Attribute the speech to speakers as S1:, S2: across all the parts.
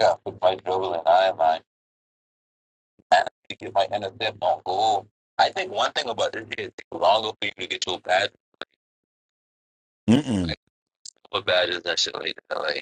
S1: up with my dribble and I am I managed to get my intercept on goal. I think one thing about this is it longer for you to get your badge. Mm-mm. Like what badges that shit like that. Like,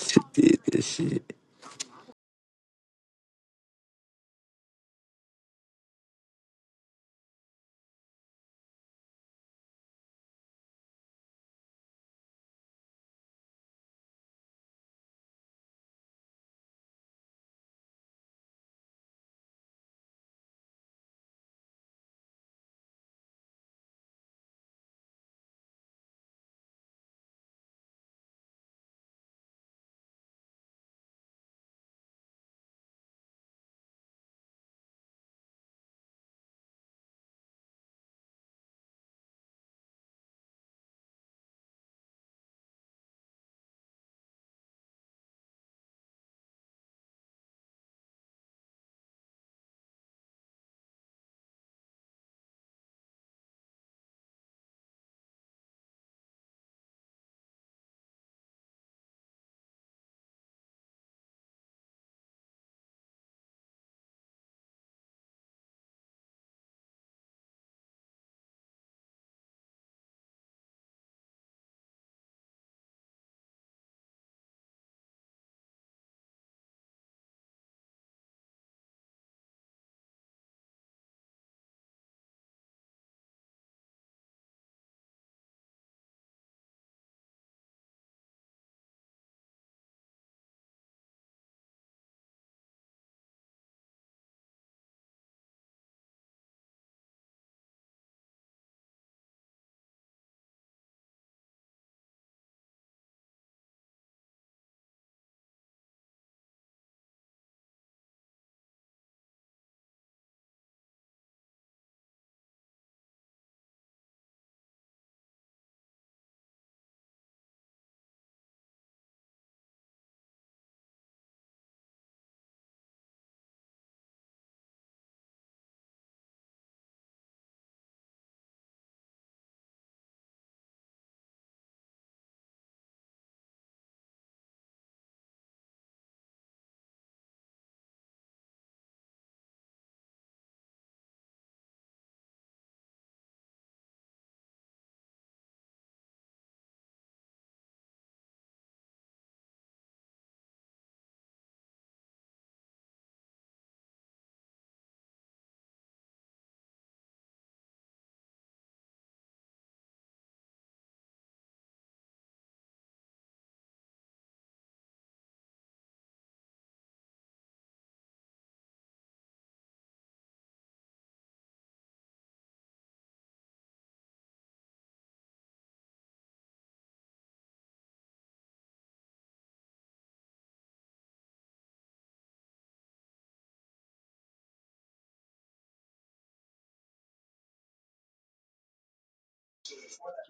S2: She did this shit.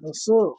S3: What's up?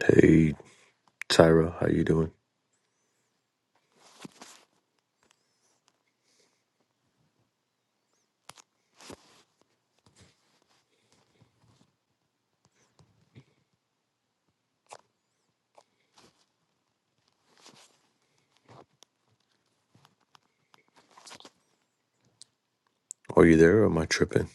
S4: Hey, Tyra, how you doing? Are you there or am I tripping?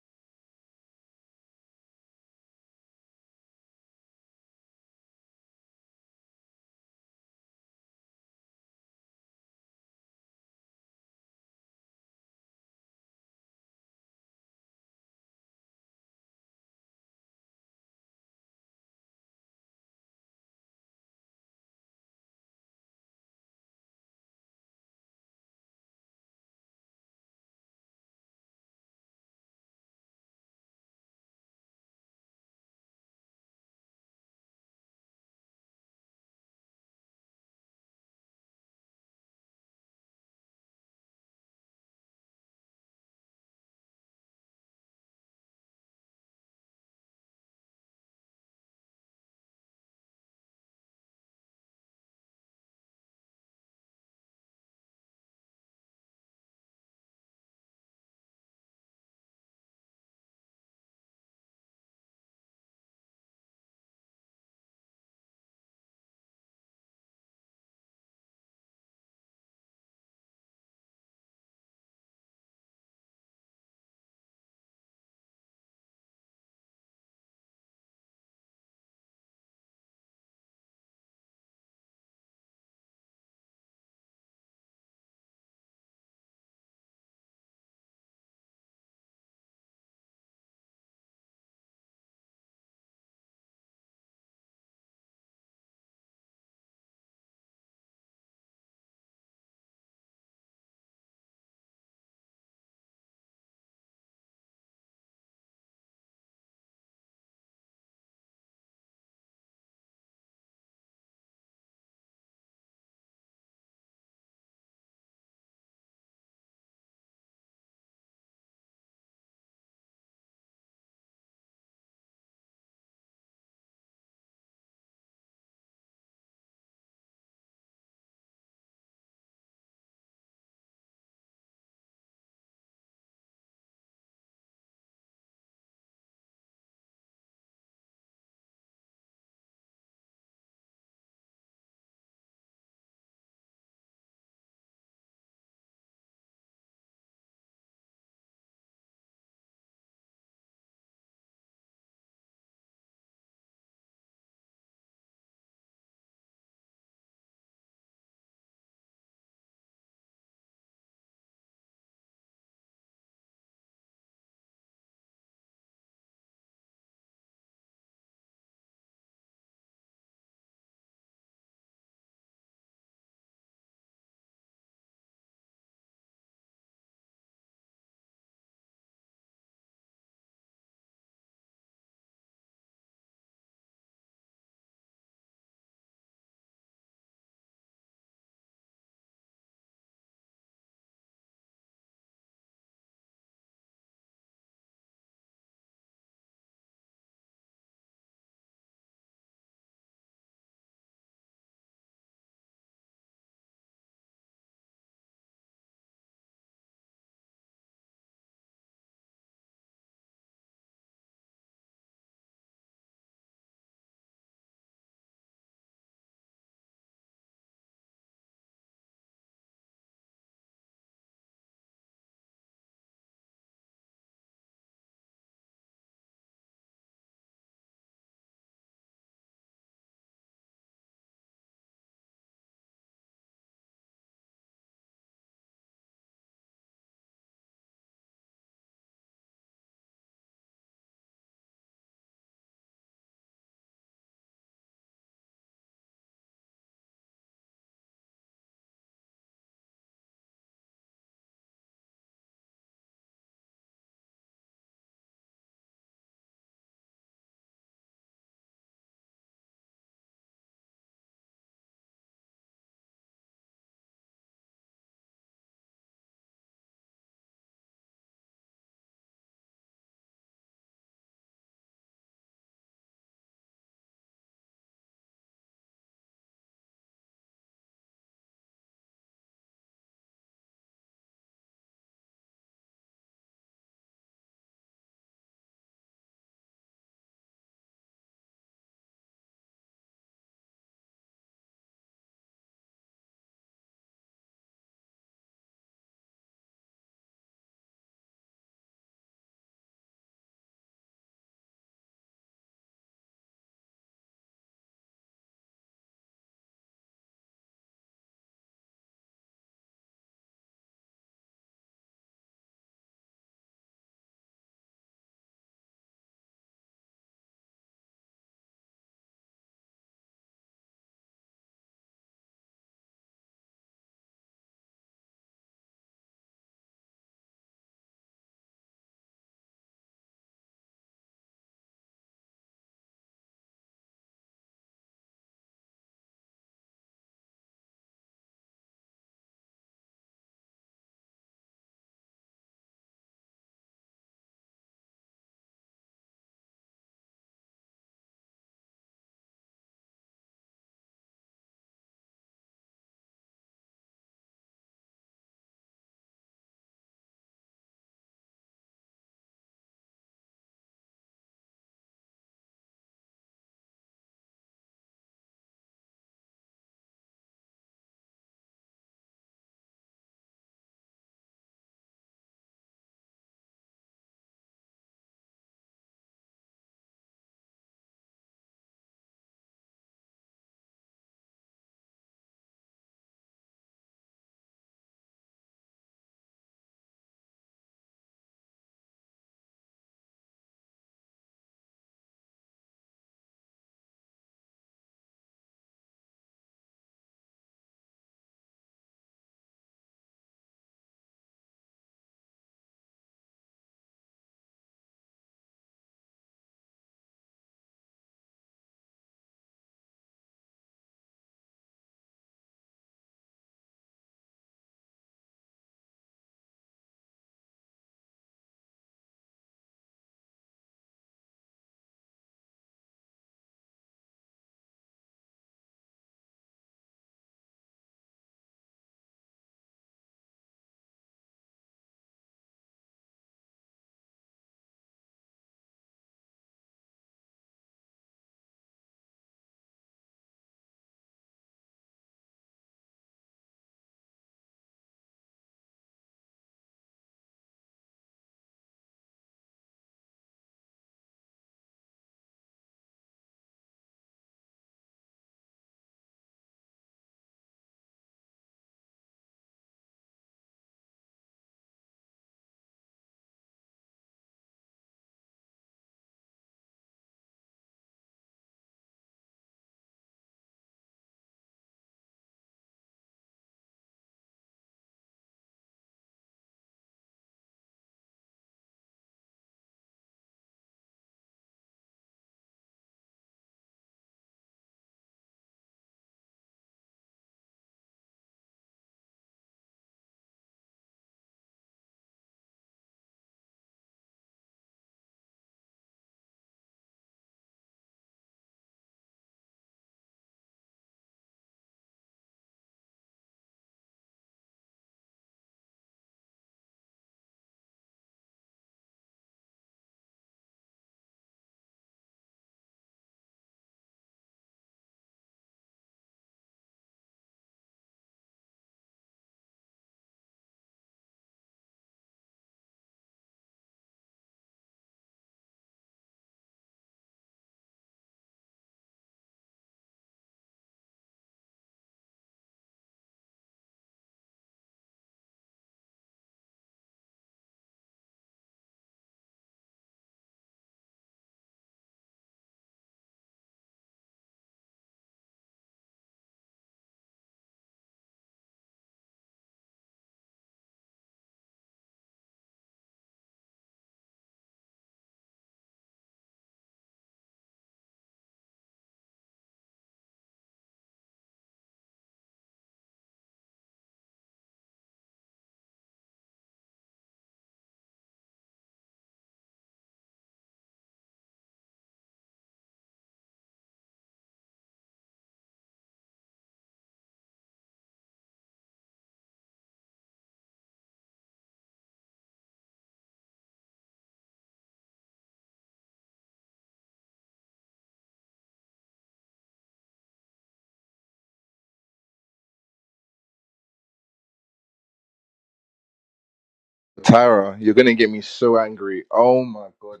S5: Tyra, you're gonna get me so angry. Oh my god.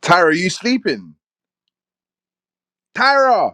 S5: Tyra, you sleeping? Tyra!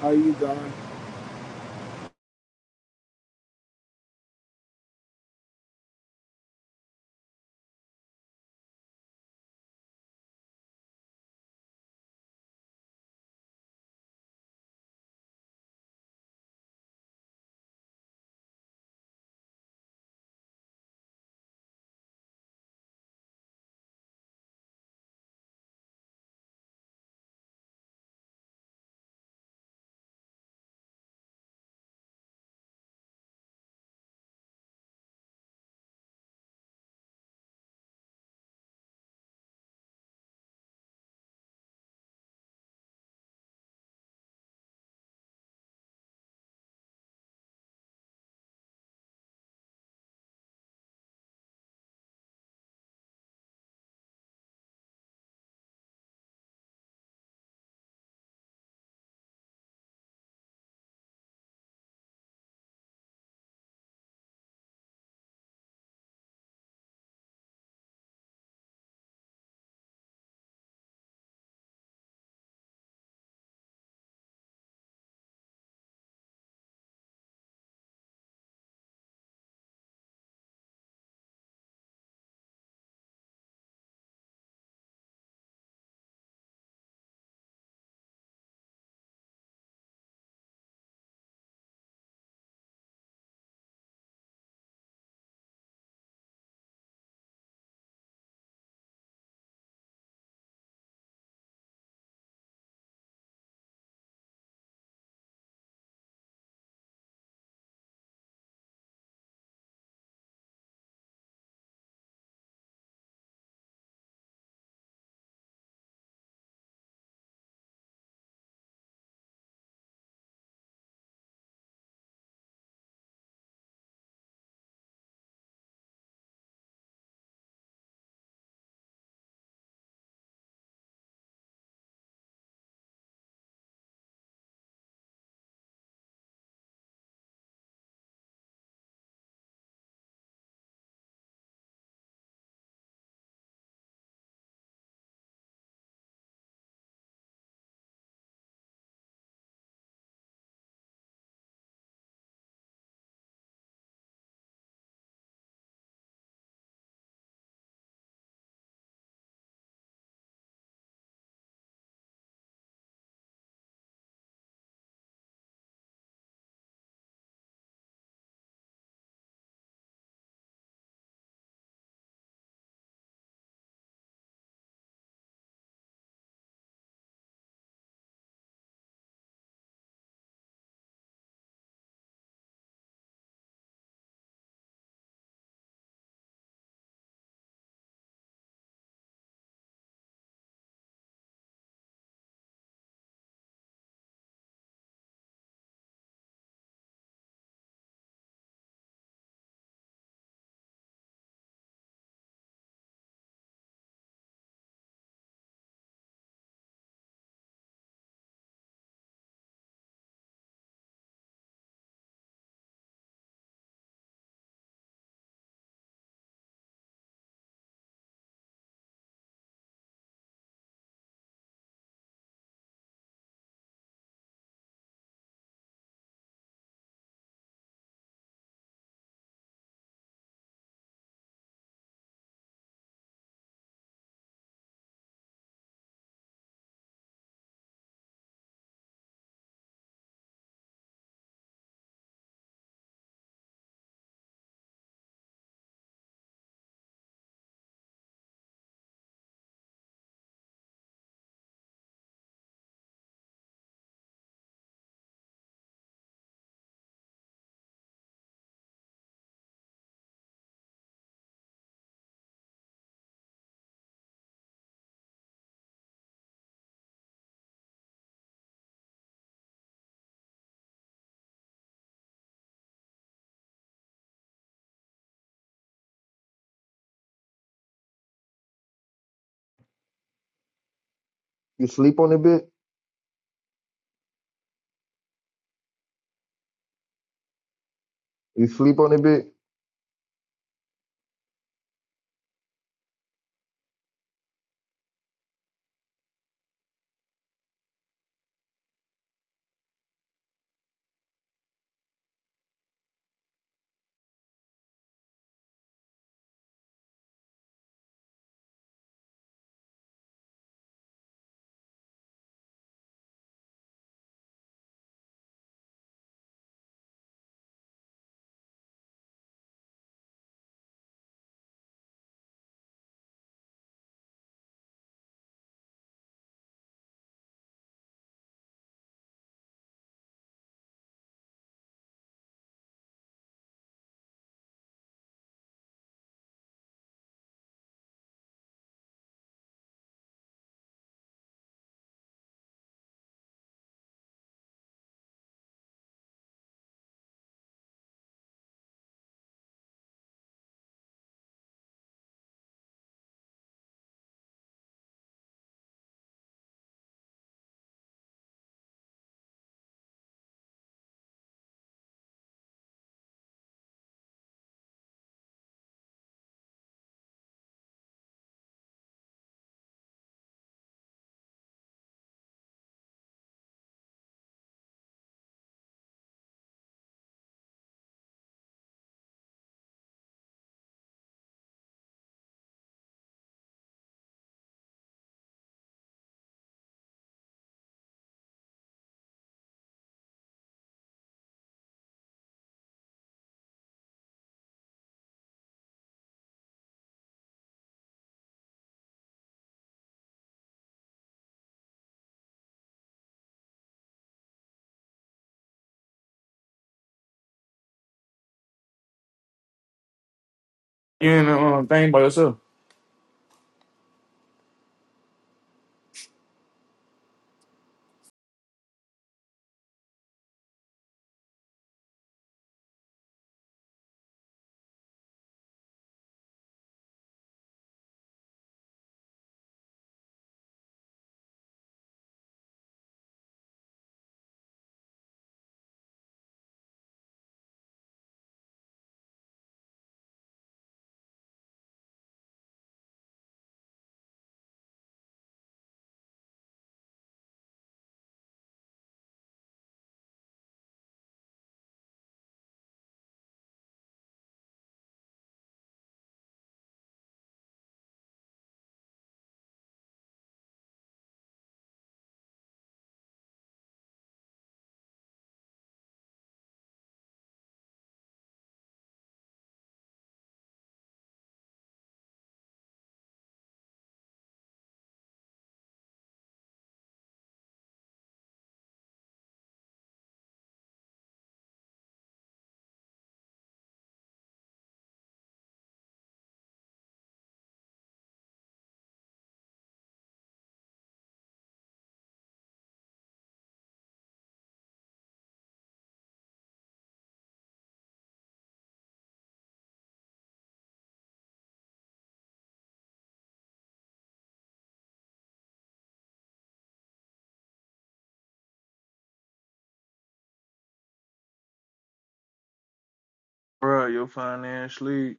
S6: How you going?
S7: You sleep on it bit? You sleep on it bit?
S8: You ain't doing a thing by yourself.
S9: Bro, you'll find sleep.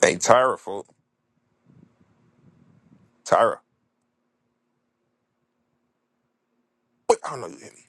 S10: Hey, Tyra, fool. Tyra. Wait, I don't know you hear me.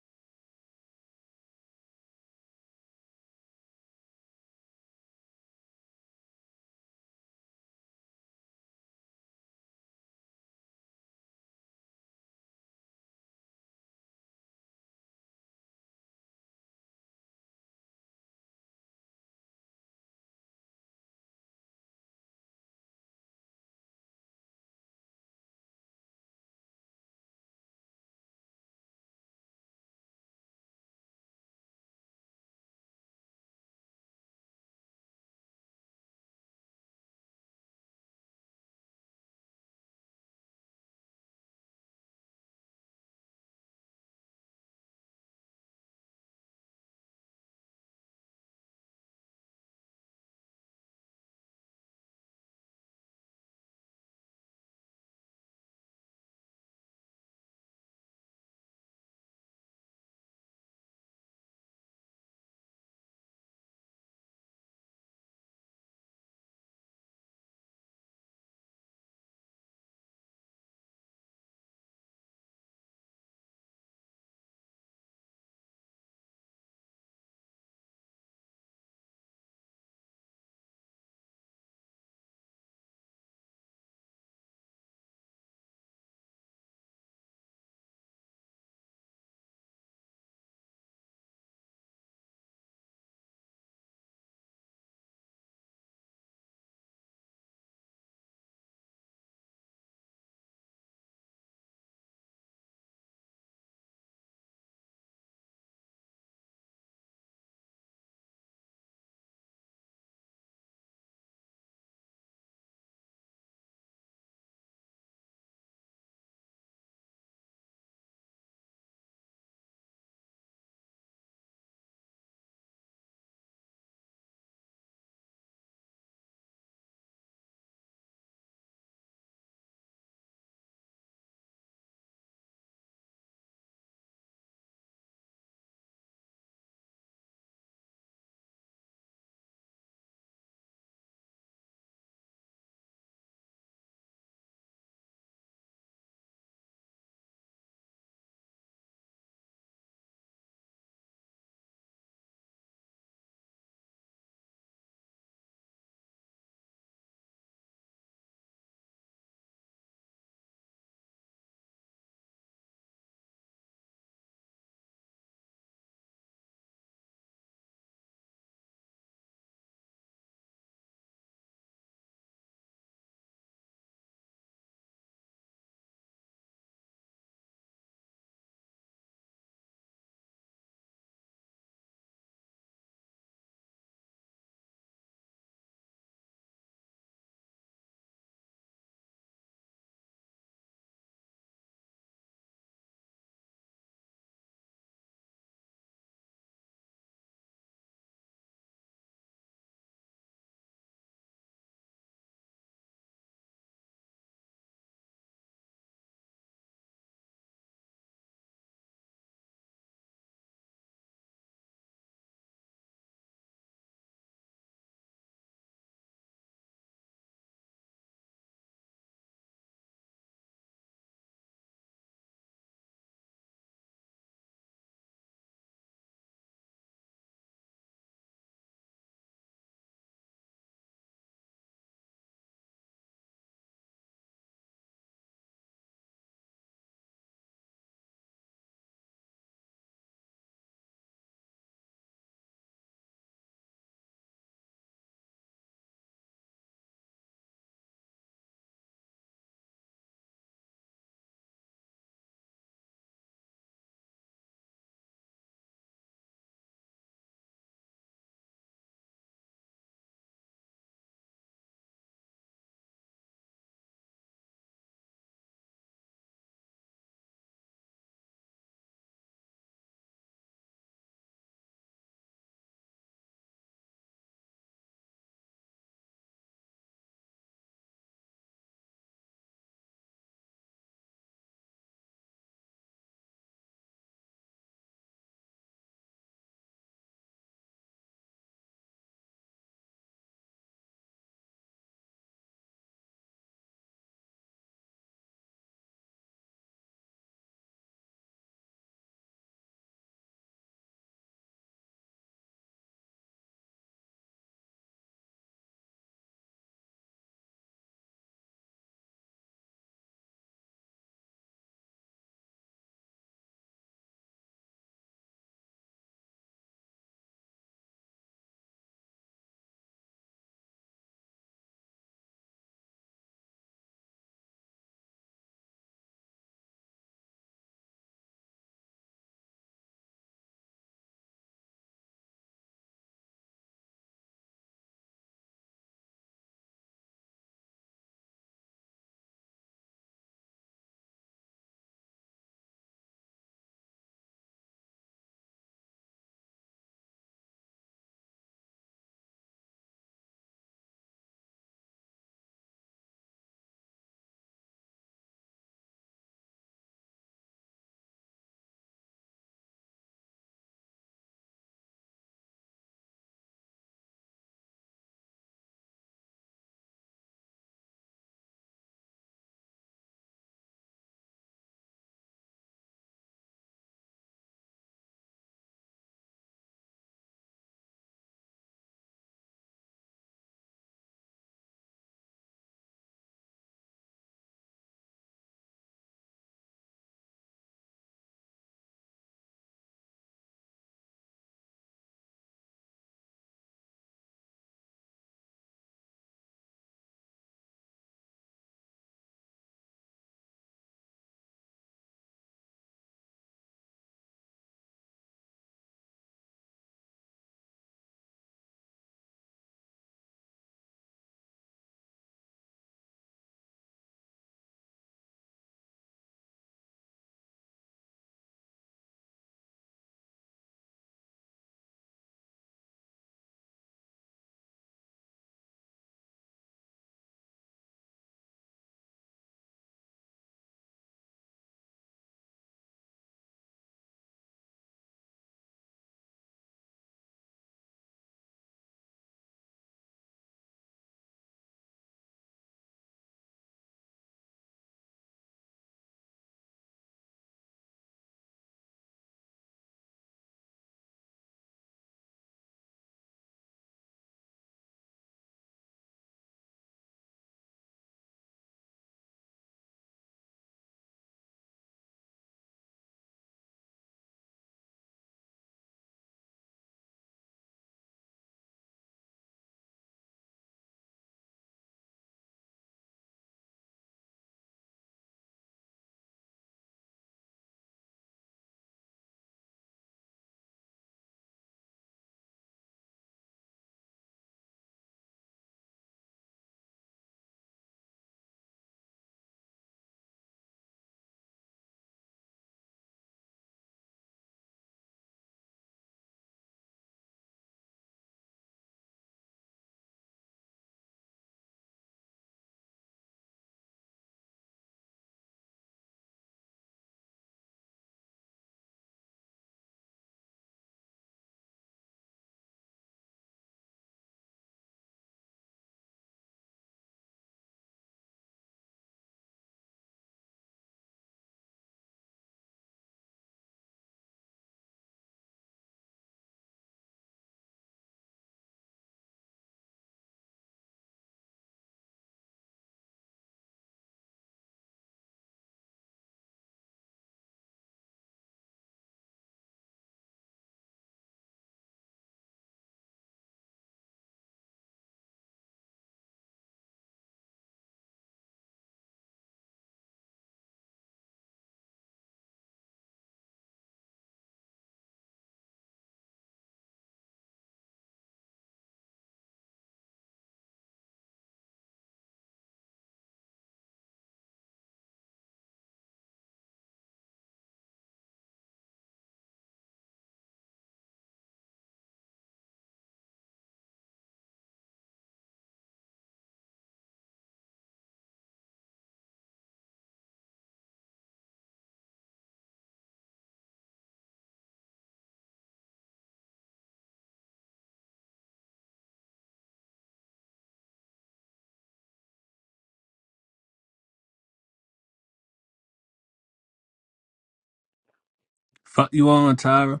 S11: Fuck you on, Tyra.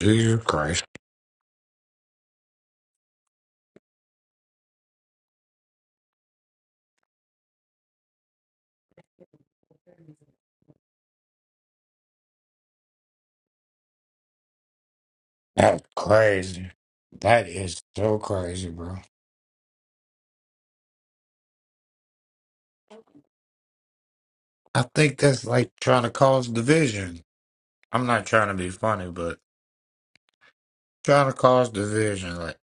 S12: Jesus Christ. That's crazy. That is so crazy, bro. I think that's like trying to cause division. I'm not trying to be funny, but trying to cause division. Like